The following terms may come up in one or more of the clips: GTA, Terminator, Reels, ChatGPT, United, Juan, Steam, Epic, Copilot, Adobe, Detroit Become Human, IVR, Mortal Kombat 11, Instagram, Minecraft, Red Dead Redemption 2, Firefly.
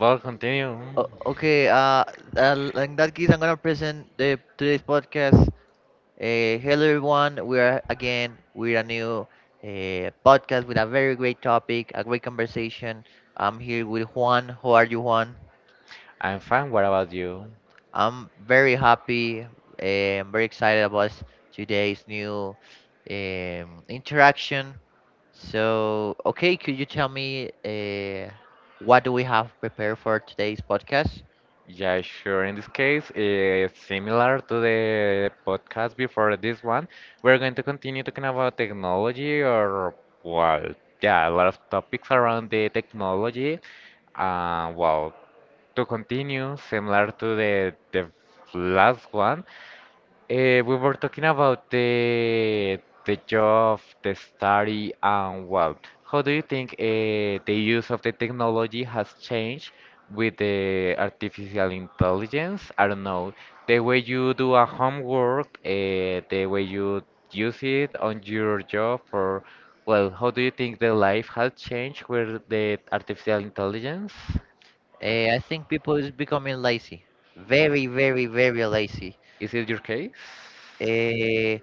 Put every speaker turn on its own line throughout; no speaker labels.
Well, continue.
O- okay. Uh, in that case, I'm gonna present the today's podcast. Hello everyone. We are again with a new podcast with a very great topic, a great conversation. I'm here with Juan. How are you, Juan?
I'm fine. What about you?
I'm very happy. I'm very excited about today's new interaction. So, could you tell me what do we have prepared for today's podcast?
Yeah, sure. In this case, it's similar to the podcast before this one, we're going to continue talking about technology or, well, yeah, a lot of topics around the technology. Well, to continue, similar to the last one, we were talking about the job, the study, and well, how do you think the use of the technology has changed with the artificial intelligence? I don't know, the way you do a homework, the way you use it on your job, or well, how do you think the life has changed with the artificial intelligence?
I think people is becoming lazy, very, very, very lazy.
Is it your case?
Uh,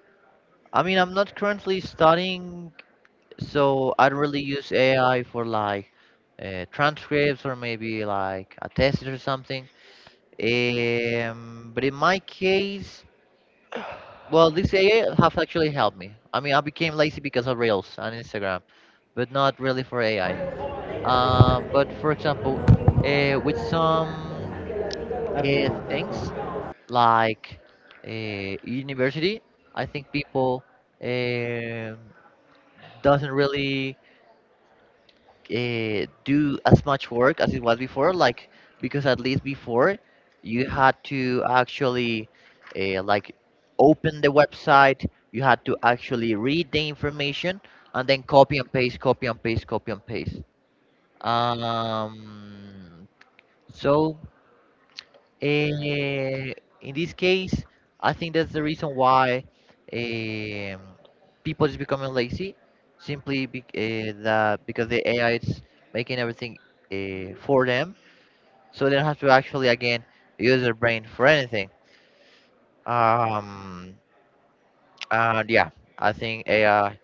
I mean, I'm not currently studying, so I don't really use AI for like transcripts or maybe like a test or something. But in my case, well, this AI have actually helped me. I mean, I became lazy because of Reels on Instagram, but not really for AI. But for example, with some things like uh, university, I think people um doesn't really do as much work as it was before. Like because at least before you had to actually like open the website, you had to actually read the information and then copy and paste, copy and paste, copy and paste. Um, so Eh, in this case, I think that's the reason why um, people is becoming lazy, simply be, that because the AI is making everything for them, so they don't have to actually again use their brain for anything. Um, and yeah, I think AI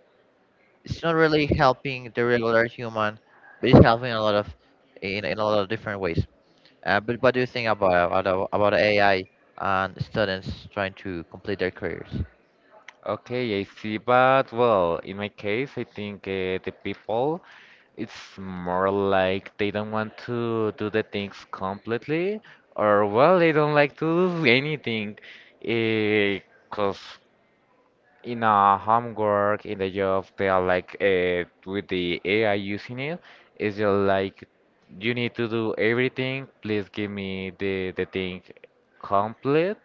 it's not really helping the regular human, but it's helping a lot of in a lot of different ways. But what do you think about AI and students trying to complete their careers?
Okay, I see, but well, in my case, I think the people, it's more like they don't want to do the things completely, or well, they don't like to do anything. Because in a homework, in the job, they are like with the AI using it, it's just like you need to do everything, please give me the thing complete.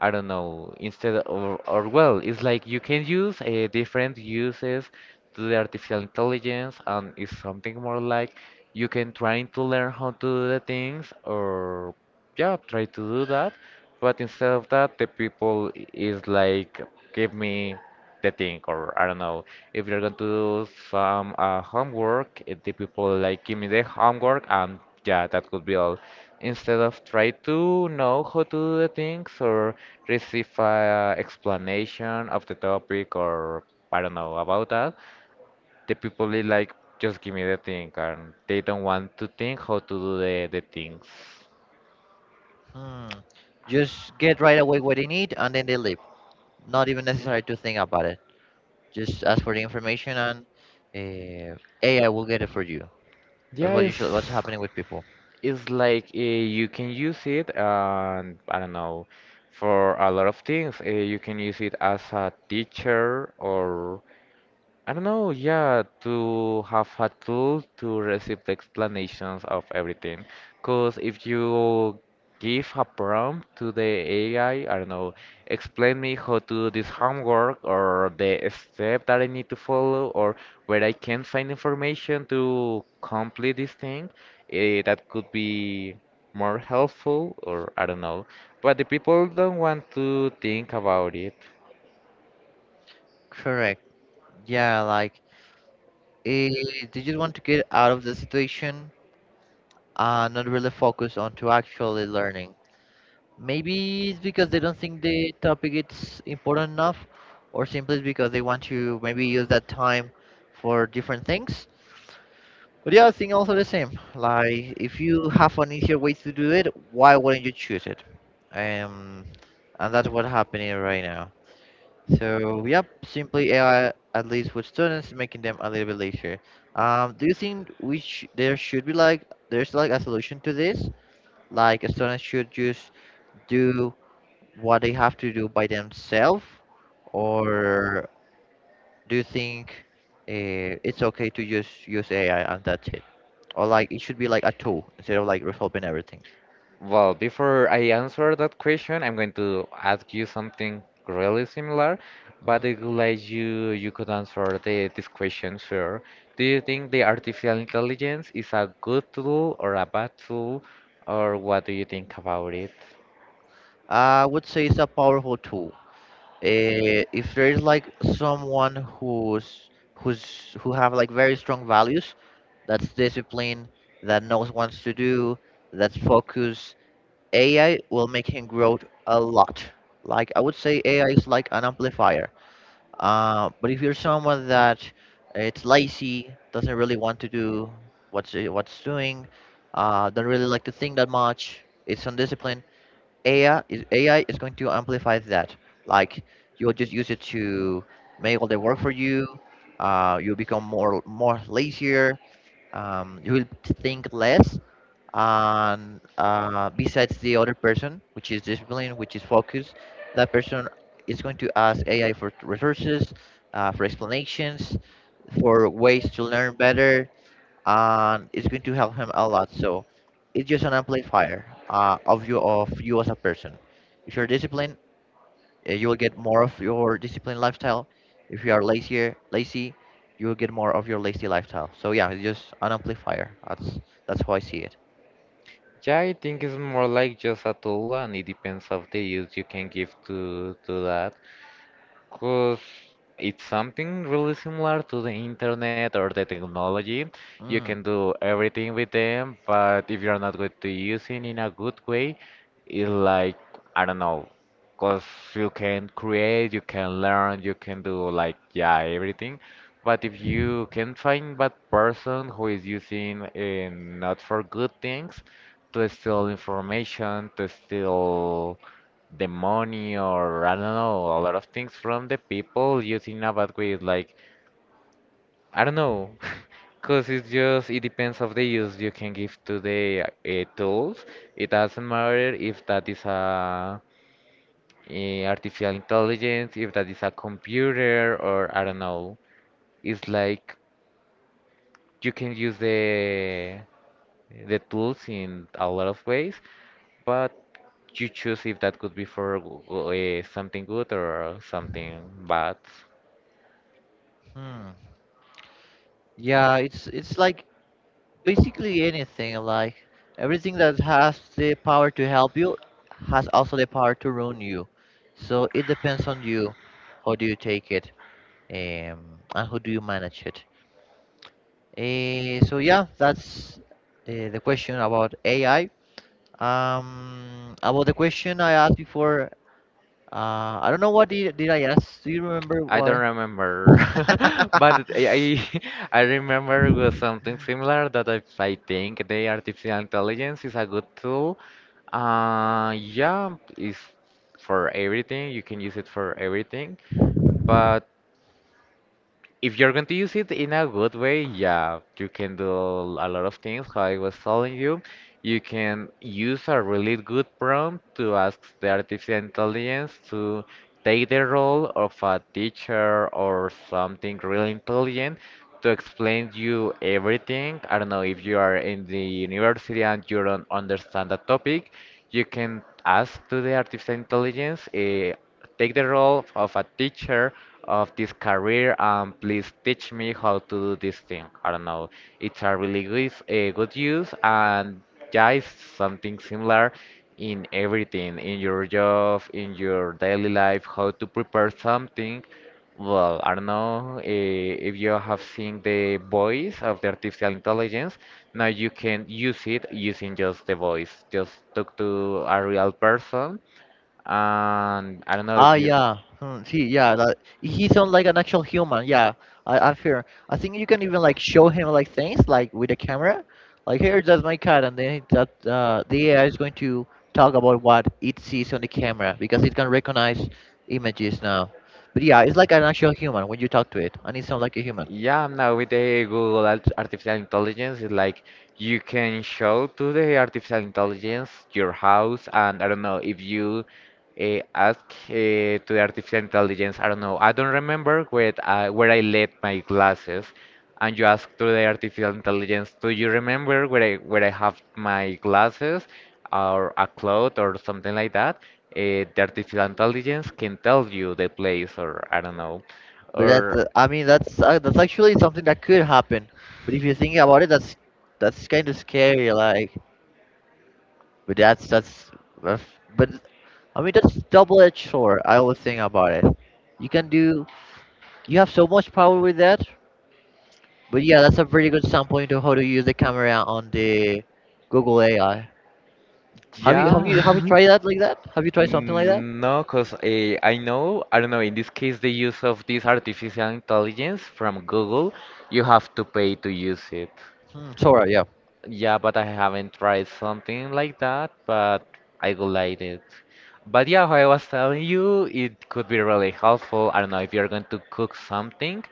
I don't know, instead or well, it's like you can use different uses to the artificial intelligence, and it's something more like you can try to learn how to do the things, or yeah, try to do that. But instead of that, the people is like, give me the thing, or I don't know, if you're going to do some homework, the people like give me the homework, and yeah, that could be all instead of try to know how to do the things or receive a explanation of the topic or I don't know about that, the people is like, just give me the thing, and they don't want to think how to do the things.
Hmm. Just get right away what they need and then they leave. Not even necessary to think about it. Just ask for the information and uh, AI will get it for you. That's
Yeah,
what usually what's
it's
happening with people.
it's like you can use it, and I don't know, for a lot of things. You can use it as a teacher or I don't know, yeah, to have a tool to receive the explanations of everything. Because if you give a prompt to the AI, I don't know, explain me how to do this homework or the step that I need to follow or where I can find information to complete this thing, that could be more helpful or I don't know. But the people don't want to think about it.
Correct. Yeah, like eh, they just want to get out of the situation and not really focus on to actually learning. Maybe it's because they don't think the topic is important enough, or simply it's because they want to maybe use that time for different things. But yeah, I think also the same. Like, if you have an easier way to do it, why wouldn't you choose it? Um, and that's what's happening right now. So, yep, simply AI, at least with students, making them a little bit lazier. Do you think we sh there should be like there's like a solution to this? Like, a student should just do what they have to do by themselves, or do you think it's okay to just use AI and that's it? Or like it should be like a tool instead of like resolving everything.
Well, before I answer that question, I'm going to ask you something really similar, but I would like you could answer this question first. Do you think the artificial intelligence is a good tool or a bad tool, or what do you think about it?
I would say it's a powerful tool. If there is like someone who have like very strong values, that's discipline, that knows wants to do, that's focus, AI will make him grow a lot. Like I would say AI is like an amplifier. But if you're someone that it's lazy, doesn't really want to do what's what's doing, don't really like to think that much, it's undisciplined. AI is going to amplify that. Like you'll just use it to make all the work for you. You'll become more lazier. You will think less and besides the other person, which is discipline, which is focus, that person is going to ask AI for resources, for explanations, for ways to learn better, and it's going to help him a lot. So it's just an amplifier of you as a person. If you're disciplined, you will get more of your disciplined lifestyle. If you are lazy, you will get more of your lazy lifestyle. So yeah, it's just an amplifier. That's how I see it.
Yeah, I think it's more like just a tool, and it depends of the use you can give to that. Because it's something really similar to the internet or the technology. You
Mm.
can do everything with them, but if you're not going to use it in a good way, it's like, I don't know, because you can create, you can learn, you can do like, yeah, everything. But if you can find bad person who is using not for good things, to steal information, to steal the money or I don't know, a lot of things from the people using a bad way. Like I don't know, cause it's just it depends of the use you can give to the tools. It doesn't matter if that is a artificial intelligence, if that is a computer or I don't know. It's like you can use the tools in a lot of ways, but you choose if that could be for something good or something bad.
Hmm. Yeah, it's like basically anything, like everything that has the power to help you has also the power to ruin you. So it depends on you. How do you take it? And how do you manage it? So yeah, that's the question about AI. About the question I asked before, I don't know did I ask. Do you remember
I
why?
don't remember, but I I remember was something similar that I think the artificial intelligence is a good tool. Yeah, it's for everything. You can use it for everything, but if you're going to use it in a good way, yeah, you can do a lot of things. How I was telling you, you can use a really good prompt to ask the artificial intelligence to take the role of a teacher or something really intelligent to explain you everything. I don't know if you are in the university and you don't understand the topic, you can ask to the artificial intelligence. Take the role of a teacher of this career and please teach me how to do this thing. I don't know. It's a really good, a good use and yeah, it's something similar in everything, in your job, in your daily life, how to prepare something. Well, I don't know if you have seen the voice of the artificial intelligence. Now you can use it using just the voice. Just talk to a real person and I don't know
Ah,
if you.
yeah. Hmm, see, yeah, that he sounds like an actual human. Yeah, I fear. I think you can even like show him like things like with a camera, like here, that's my cat, and then that the AI is going to talk about what it sees on the camera because it can recognize images now. But yeah, it's like an actual human when you talk to it, and it sounds like a human.
Yeah, now with the Google artificial intelligence, it's like you can show to the artificial intelligence your house, and I don't know if you ask uh, to the artificial intelligence, I don't know, I don't remember where I left my glasses, and you ask to the artificial intelligence, do you remember where I have my glasses, or a cloth or something like that? The artificial intelligence can tell you the place, or I don't know, or.
I mean, that's actually something that could happen. But if you think about it, that's kind of scary. But that's that's. that's- But I mean, that's double-edged sword. I always think about it. You can do, you have so much power with that. But yeah, that's a pretty good sample into how to use the camera on the Google AI. Have you have
Yeah.
you have you tried that? Have you tried something like that?
Mm, no, because I know, I don't know, in this case, the use of this artificial intelligence from Google, you have to pay to use it.
Hmm, Sora, yeah.
Yeah, but I haven't tried something like that, but I would like it. But yeah, how I was telling you, it could be really helpful. I don't know if you're going to cook something,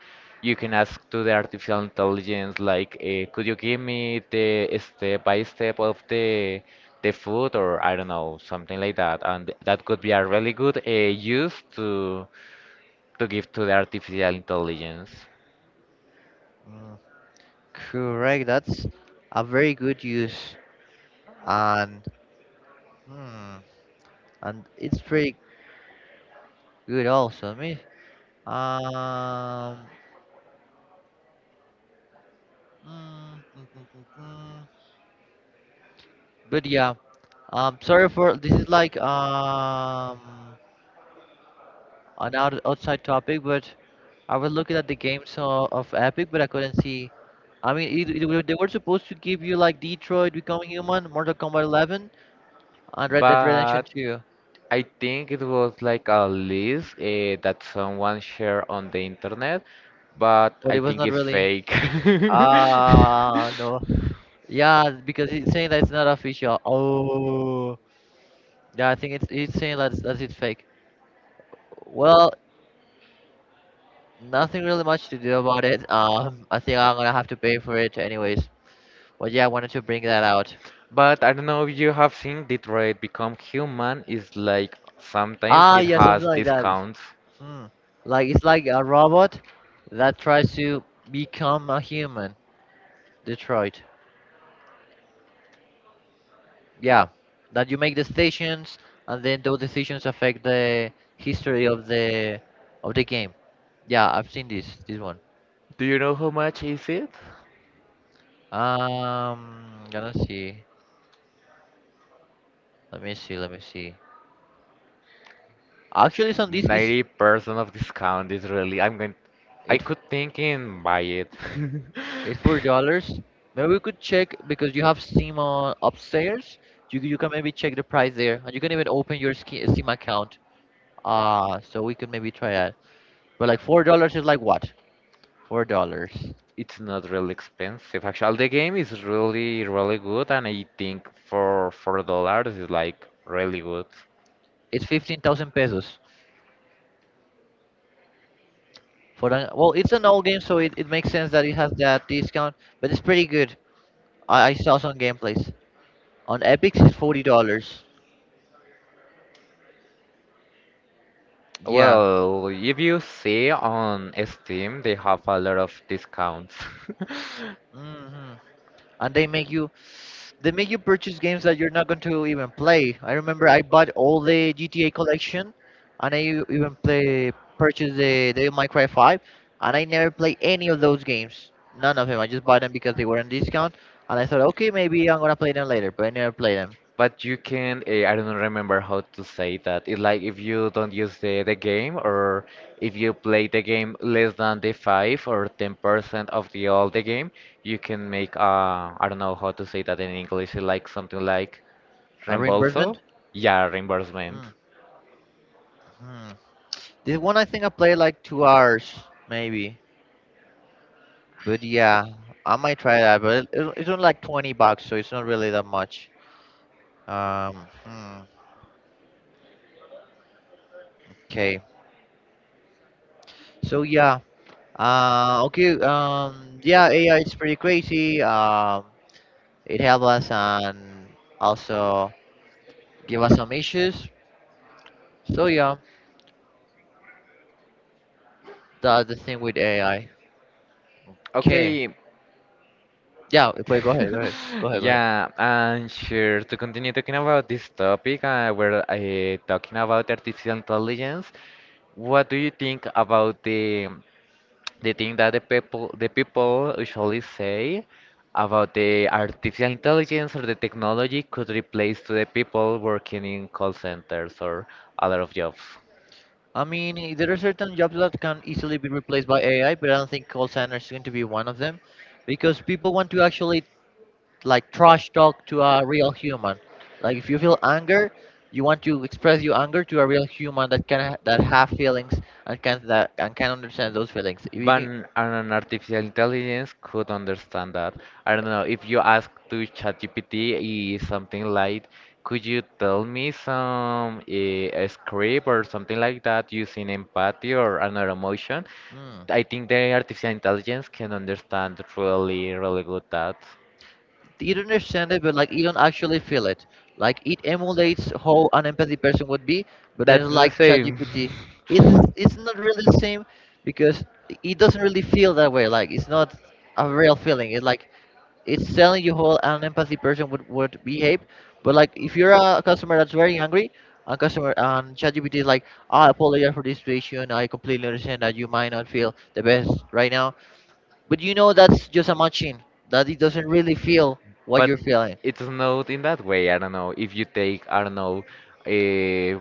you can ask to the artificial intelligence like, could you give me the step by step of the food or I don't know, something like that. And that could be a really good use to give to the artificial intelligence.
Mm, correct. That's a very good use, and hmm, and it's pretty good also. I mean, um, mm, mm, mm, mm, mm. But yeah. Sorry for this is like an outside topic, but I was looking at the games of Epic, but I couldn't see. I mean, they were supposed to give you like Detroit Become Human, Mortal Kombat 11, and Red Dead
But
Redemption 2,
I think it was like a list that someone shared on the internet, but
but
I
it was
think
not
it's
really.
fake.
Ah, no. Yeah, because it's saying that it's not official. Oh, yeah, I think it's saying that's it fake. Well, nothing really much to do about it. I think I'm gonna have to pay for it anyways. But yeah, I wanted to bring that out.
But I don't know if you have seen Detroit Become Human is like sometimes
Ah,
it
yeah, something
has
like that.
discounts.
Mm. Like it's like a robot that tries to become a human. Detroit. Yeah. That you make decisions and then those decisions affect the history of the game. Yeah, I've seen this one.
Do you know how much is it?
Gonna see. Let me see. Actually it's on this is
90% of discount is really I
it
could think in buy it.
it's $4. Maybe we could check because you have Steam on upstairs. You can maybe check the price there, and you can even open your Steam account. Ah, so we could maybe try that. But like $4 is like what? $4.
It's not really expensive. Actually, the game is really, really good, and I think for $4 is like really good.
It's 15,000 pesos for the. Well, it's an old game, so it makes sense that it has that discount. But it's pretty good. I saw some gameplays on Epic. It's $40. Yeah.
Well, if you see on Steam, they have a lot of discounts.
Hmm. And they make you They make you purchase games that you're not going to even play. I remember I bought all the GTA collection, and I even play purchased the Minecraft 5, and I never played any of those games. None of them. I just bought them because they were on discount, and I thought, okay, maybe I'm gonna play them later, but I never played them.
But you can, I don't remember how to say that. It's like if you don't use the game or if you play the game less than the 5 or 10% of the all the game, you can make, I don't know how to say that in English. It's like something like
A
Reembolso?
reimbursement?
Yeah, reimbursement.
Mm-hmm. This one I think I played like 2 hours, maybe. But yeah, I might try that. But it's only like 20 bucks, so it's not really that much. Um, hmm, okay. So yeah. Okay. Yeah, AI is pretty crazy. It helps us and also give us some issues. So yeah, that's the thing with AI. Okay.
Okay.
Yeah. Wait. Go ahead. Go ahead. Go ahead. Go ahead.
Yeah, and sure, to continue talking about this topic, we're talking about artificial intelligence. What do you think about the thing that the people usually say about the artificial intelligence or the technology could replace to the people working in call centers or a lot of jobs?
I mean, there are certain jobs that can easily be replaced by AI, but I don't think call center is going to be one of them, because people want to actually like trash talk to a real human. Like if you feel anger, you want to express your anger to a real human that can that have feelings and can that and can understand those feelings. If You
But
did
an artificial intelligence could understand that. I don't know, if you ask to ChatGPT is something like, could you tell me a script or something like that using empathy or another emotion?
mm,
I think the artificial intelligence can understand really, really good that.
you don't understand it, but like you don't actually feel it. Like it emulates how an empathy person would be, but then
That's the
like
same.
ChatGPT, it's not really the same because it doesn't really feel that way. Like it's not a real feeling. It's like it's telling you how an empathy person would behave. But like if you're a customer that's very angry, a customer and ChatGPT is like, "Ah, I apologize for this situation. I completely understand that you might not feel the best right now," but you know that's just a machine that it doesn't really feel what you're
But
feeling.
it's not in that way. I don't know if you take I don't know a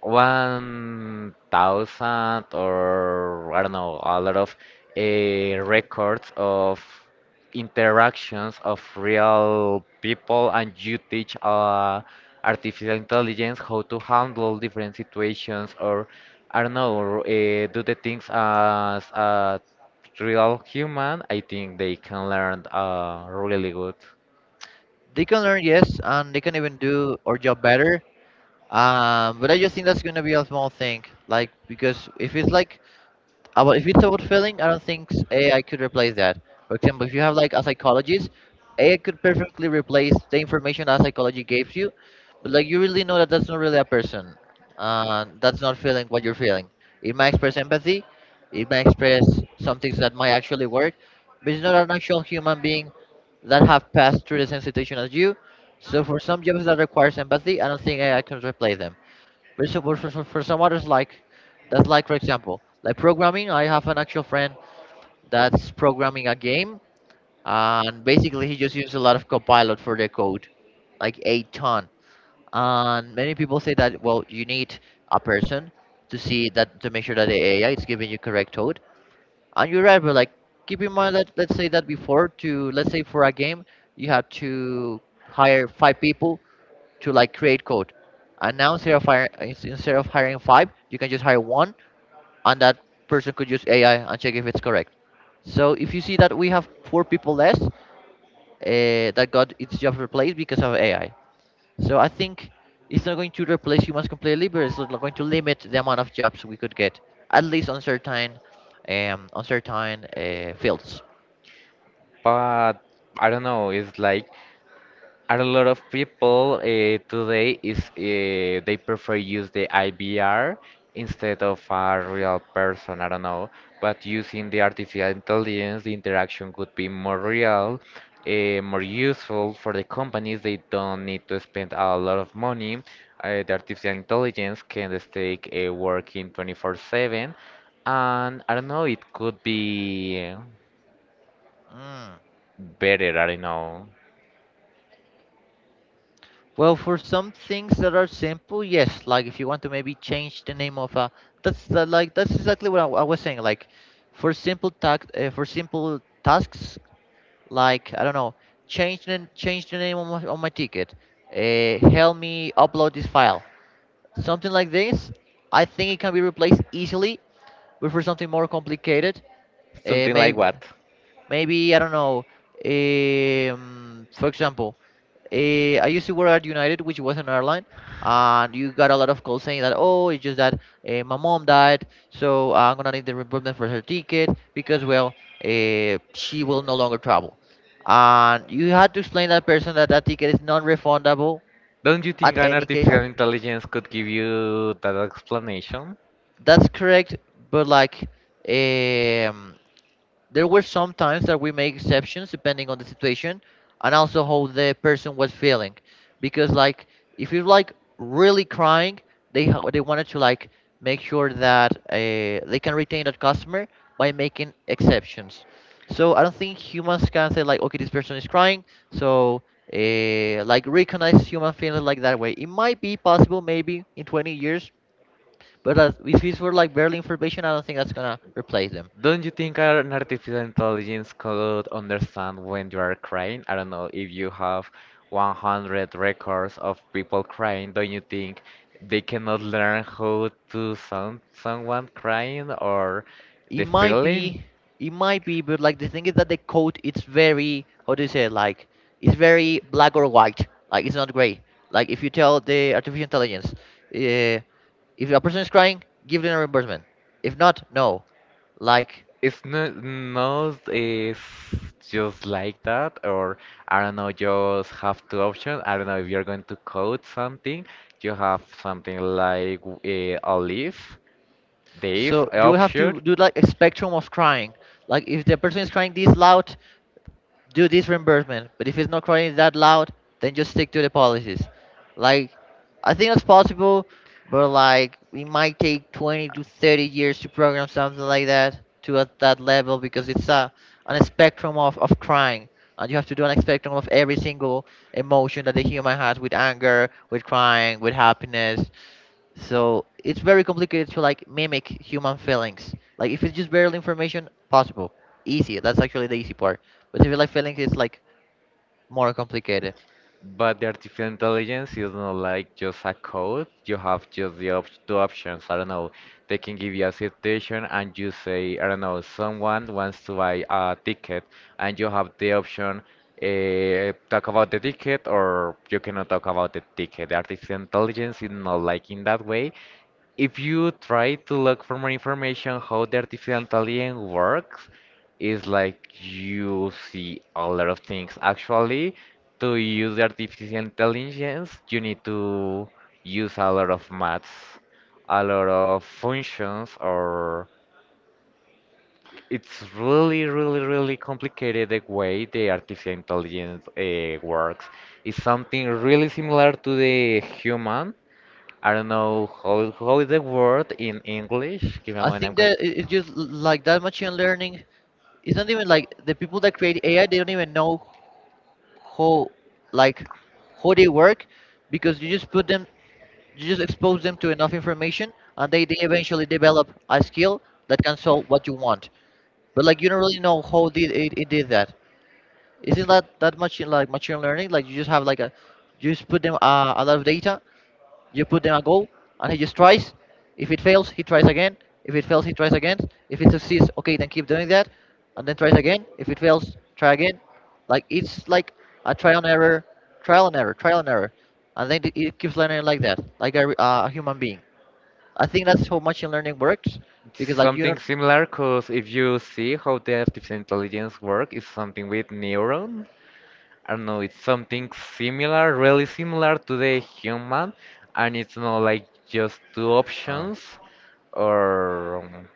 1,000 or I don't know a lot of uh, records of interactions of real people and you teach artificial intelligence how to handle different situations or I don't know do the things as a real human. I think they can learn really good.
They can learn, yes, and they can even do our job better. But I just think that's gonna be a small thing, like because if it's like about if it's about feeling, I don't think AI could replace that. For example, if you have like a psychologist, AI could perfectly replace the information that psychology gave you, but like you really know that that's not really a person. That's not feeling what you're feeling. It might express empathy, it might express some things that might actually work, but it's not an actual human being that have passed through the same situation as you. So for some jobs that requires empathy, I don't think AI can replace them. But for some others, like that's like for example, like programming. I have an actual friend that's programming a game, and basically he just uses a lot of Copilot for the code, like a ton. And many people say that well, you need a person to see that to make sure that the AI is giving you correct code. And you're right, but like keep in mind that let's say that before to let's say for a game you have to hire 5 people to like create code. And now instead of hiring 5, you can just hire one, and that person could use AI and check if it's correct. So if you see that we have 4 people less that got its job replaced because of AI. So I think it's not going to replace humans completely, but it's not going to limit the amount of jobs we could get, at least on certain fields.
But I don't know. It's like a lot of people today is they prefer use the IVR instead of a real person. I don't know, but using the artificial intelligence, the interaction could be more real, more useful for the companies. They don't need to spend a lot of money. The artificial intelligence can just take working 24/7, and I don't know. It could be
Mm.
better. I don't know.
Well, for some things that are simple, yes. Like if you want to maybe change the name of a, that's the, like that's exactly what I was saying. Like for simple task, for simple tasks, like I don't know, change the name on my ticket. Help me upload this file. Something like this, I think it can be replaced easily. But for something more complicated, uh,
Something like
maybe
what?
maybe I don't know. For example, I used to work at United, which was an airline, and you got a lot of calls saying that, oh, it's just that my mom died, so I'm gonna need the reimbursement for her ticket because, well, she will no longer travel. And you had to explain that person that that ticket is non-refundable
Don't you think
at
an
any case.
artificial intelligence could give you that explanation?
That's correct, but like, um, there were some times that we made exceptions depending on the situation and also how the person was feeling. Because like if you're like really crying, they they wanted to like make sure that they can retain that customer by making exceptions. So I don't think humans can say like, okay, this person is crying, so like recognize human feeling like that way. It might be possible maybe in 20 years, but as, if it's for like barely information, I don't think that's gonna replace them.
Don't you think an artificial intelligence could understand when you are crying? I don't know, if you have 100 records of people crying, don't you think they cannot learn how to sound someone crying or
It
the
might
feeling?
be it might be, but like the thing is that the coat it's very how do you say it, like it's very black or white, like it's not gray. Like if you tell the artificial intelligence, uh, if a person is crying give them a reimbursement, if not no. Like
It's not, not it's just like that, or I don't know, just have two options. I don't know if you're going to code something, you have something like a leaf, div
so you have
option.
to do like a spectrum of crying, like if the person is crying this loud do this reimbursement. But if it's not crying that loud, then just stick to the policies. Like, I think that's possible, but like, it might take 20 to 30 years to program something like that to at that level because it's a on a spectrum of crying. And you have to do on a spectrum of every single emotion that the human has, with anger, with crying, with happiness. So it's very complicated to like mimic human feelings. Like if it's just barely information, possible, easy. That's actually the easy part. But if you like feelings, it's like more complicated.
But the artificial intelligence is not like just a code. You have just the op two options. I don't know. They can give you a situation and you say, I don't know, someone wants to buy a ticket, and you have the option talk about the ticket or you cannot talk about the ticket. The artificial intelligence is not like in that way. If you try to look for more information how the artificial intelligence works, it's like you see a lot of things. Actually, to use the artificial intelligence, you need to use a lot of maths, a lot of functions, or it's really, really, really complicated the way the artificial intelligence works. It's something really similar to the human, I don't know how is the word in English. Give me a
I
moment. I'm
think
going
that it's just like that machine learning. It's not even like the people that create AI. They don't even know how like they work, because you just put them, you just expose them to enough information, and they eventually develop a skill that can solve what you want. But like you don't really know how did it did that. Isn't that that much in like machine learning? Like you just have like a, you just put them a lot of data, you put them a goal, and he just tries. If it fails, he tries again. If it fails, he tries again. If it succeeds, okay, then keep doing that, and then tries again. If it fails, try again. Like it's like a trial and error, trial and error, trial and error, and then it keeps learning like that, like a, a human being. I think that's how machine learning works
to,
because like you
something
don't.
similar, because if you see how the artificial intelligence work, it's something with neuron. I don't know. It's something similar, really similar to the human, and it's not like just two
Uh,
options, or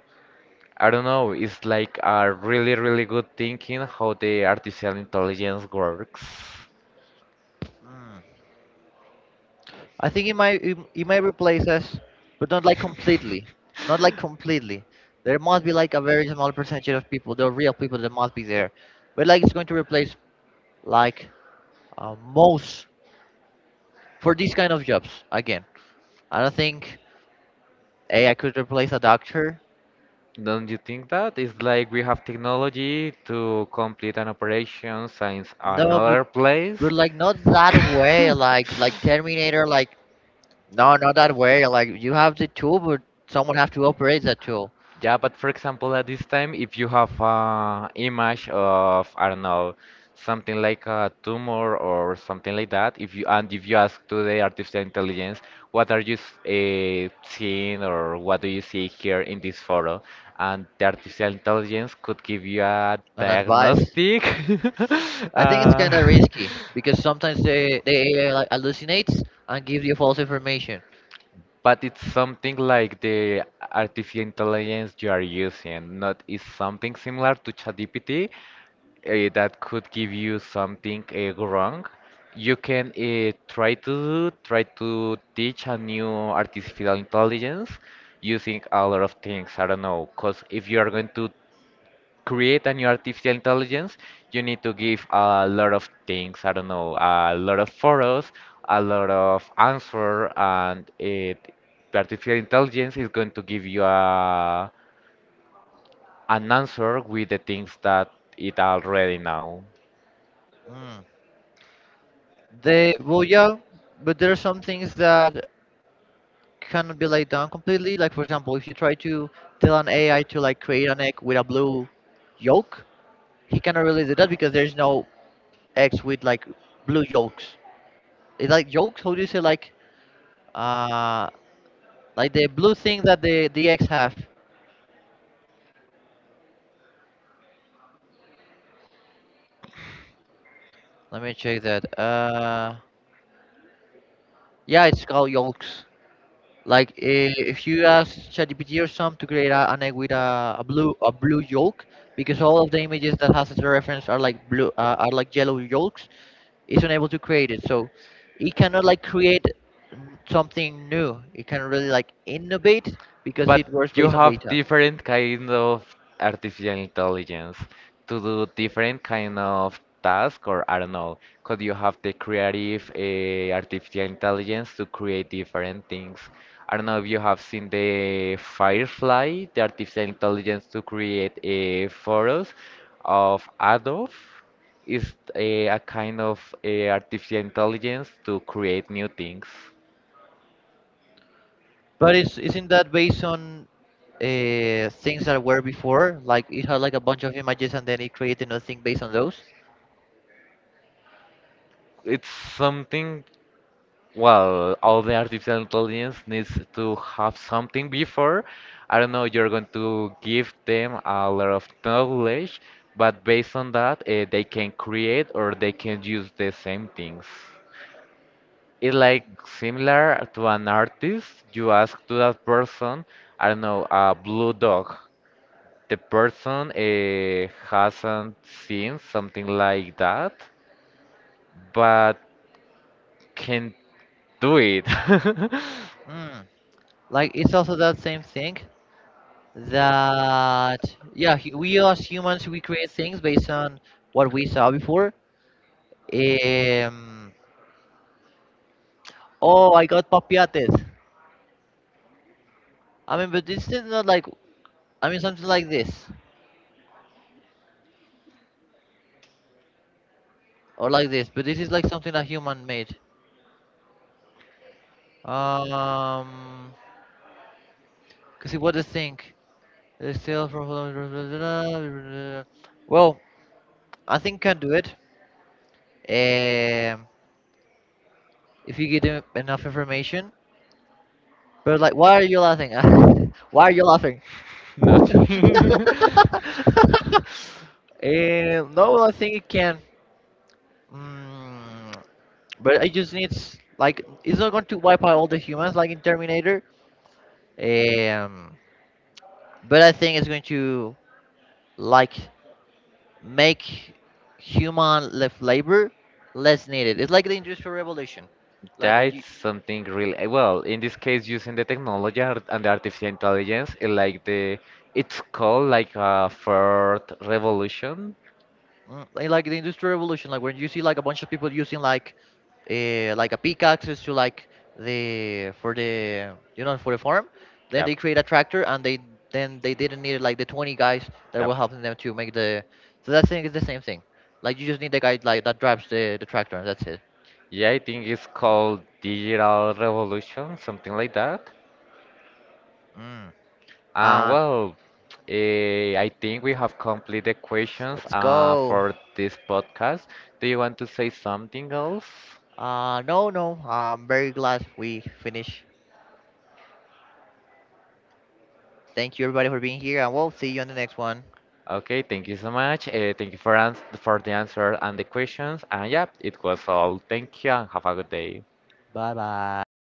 I don't know. It's like a really really good thinking how the artificial intelligence works.
mm. I think it might it might replace us, but not like completely. Not like completely. There must be like a very small percentage of people, the real people that must be there. But like it's going to replace like most for these kind of jobs. Again, I don't think AI could replace a doctor.
Don't you think that? It's like we have technology to complete an operation since
No, but
another place.
but like not that way. Like Terminator. Like no, not that way. Like you have the tool, but someone have to operate that tool
Yeah, but for example, at this time, if you have a image of, I don't know, something like a tumor or something like that, if you and if you ask to the artificial intelligence, what are you seeing or what do you see here in this photo, and the artificial intelligence could give you a
and advise.
diagnostic.
I think it's kind of
uh,
risky because sometimes they the AI like hallucinates and gives you false information.
But it's something like the artificial intelligence you are using, not is something similar to ChatGPT, that could give you something wrong, you can try to teach a new artificial intelligence using a lot of things. I don't know, because if you are going to create a new artificial intelligence, you need to give a lot of things. I don't know, a lot of photos, a lot of answer, and it, the artificial intelligence is going to give you a an answer with the things that it already know.
Mm. They, well yeah, but there are some things that cannot be laid down completely. Like for example, if you try to tell an AI to like create an egg with a blue yolk, he cannot really do that because there's no eggs with like blue yolks. It's like yolks. How do you say uh like the blue thing that the eggs have? Let me check that. Yeah, it's called yolks. Like if you ask ChatGPT or some to create an egg with a blue yolk, because all of the images that has as a reference are like blue are like yellow yolks, it's unable to create it. So it cannot like create something new. It can really like innovate because it
But
works
you
based on
have
data.
different kind of artificial intelligence to do different kind of task, or I don't know, could you have the creative artificial intelligence to create different things? I don't know if you have seen the Firefly, the artificial intelligence to create a photos of Adobe. Is a kind of artificial intelligence to create new things,
But it's isn't that based on things that were before? Like it had like a bunch of images and then it created another thing based on those.
it's something. Well, all the artificial intelligence needs to have something before. I don't know, you're going to give them a lot of knowledge, but based on that, they can create or they can use the same things. It's like similar to an artist. You ask to that person, I don't know, a blue dog. The person hasn't seen something like that, but can do it.
Mm. Like it's also that same thing. That yeah, we as humans we create things based on what we saw before. um oh, I got papiates. I mean, but this is not like, I mean something like this or like this, but this is like something that human made. um because what the thing, it's still well I think can do it um if you get enough information, but like why are you laughing? Why are you laughing?
Nothing.
No, I think it can. Mm, but it just needs like it's not going to wipe out all the humans like in Terminator. Um, but I think it's going to like make human left labor less needed. It's like the industrial revolution, like when you,
That's something really well. In this case, using the technology and the artificial intelligence, it like the it's called like a third revolution.
mm, like the industrial revolution, like when you see like a bunch of people using like a pickaxes to like the for the, you know, for the farm, then
Yep.
they create a tractor and they didn't need like the 20 guys that
Yep.
were helping them to make the, so that thing is the same thing. Like you just need the guy like that drives the tractor and that's it.
Yeah, I think it's called digital revolution, something like that.
Mm.
Uh,
Uh,
well, I think we have completed the questions
let's go.
for this podcast. Do you want to say something else?
No. I'm very glad we finished. Thank you everybody for being here, and we'll see you on the next one.
Okay, thank you so much. Thank you for ans for the answer and the questions. And yeah, it was all. Thank you and have a good day.
Bye bye.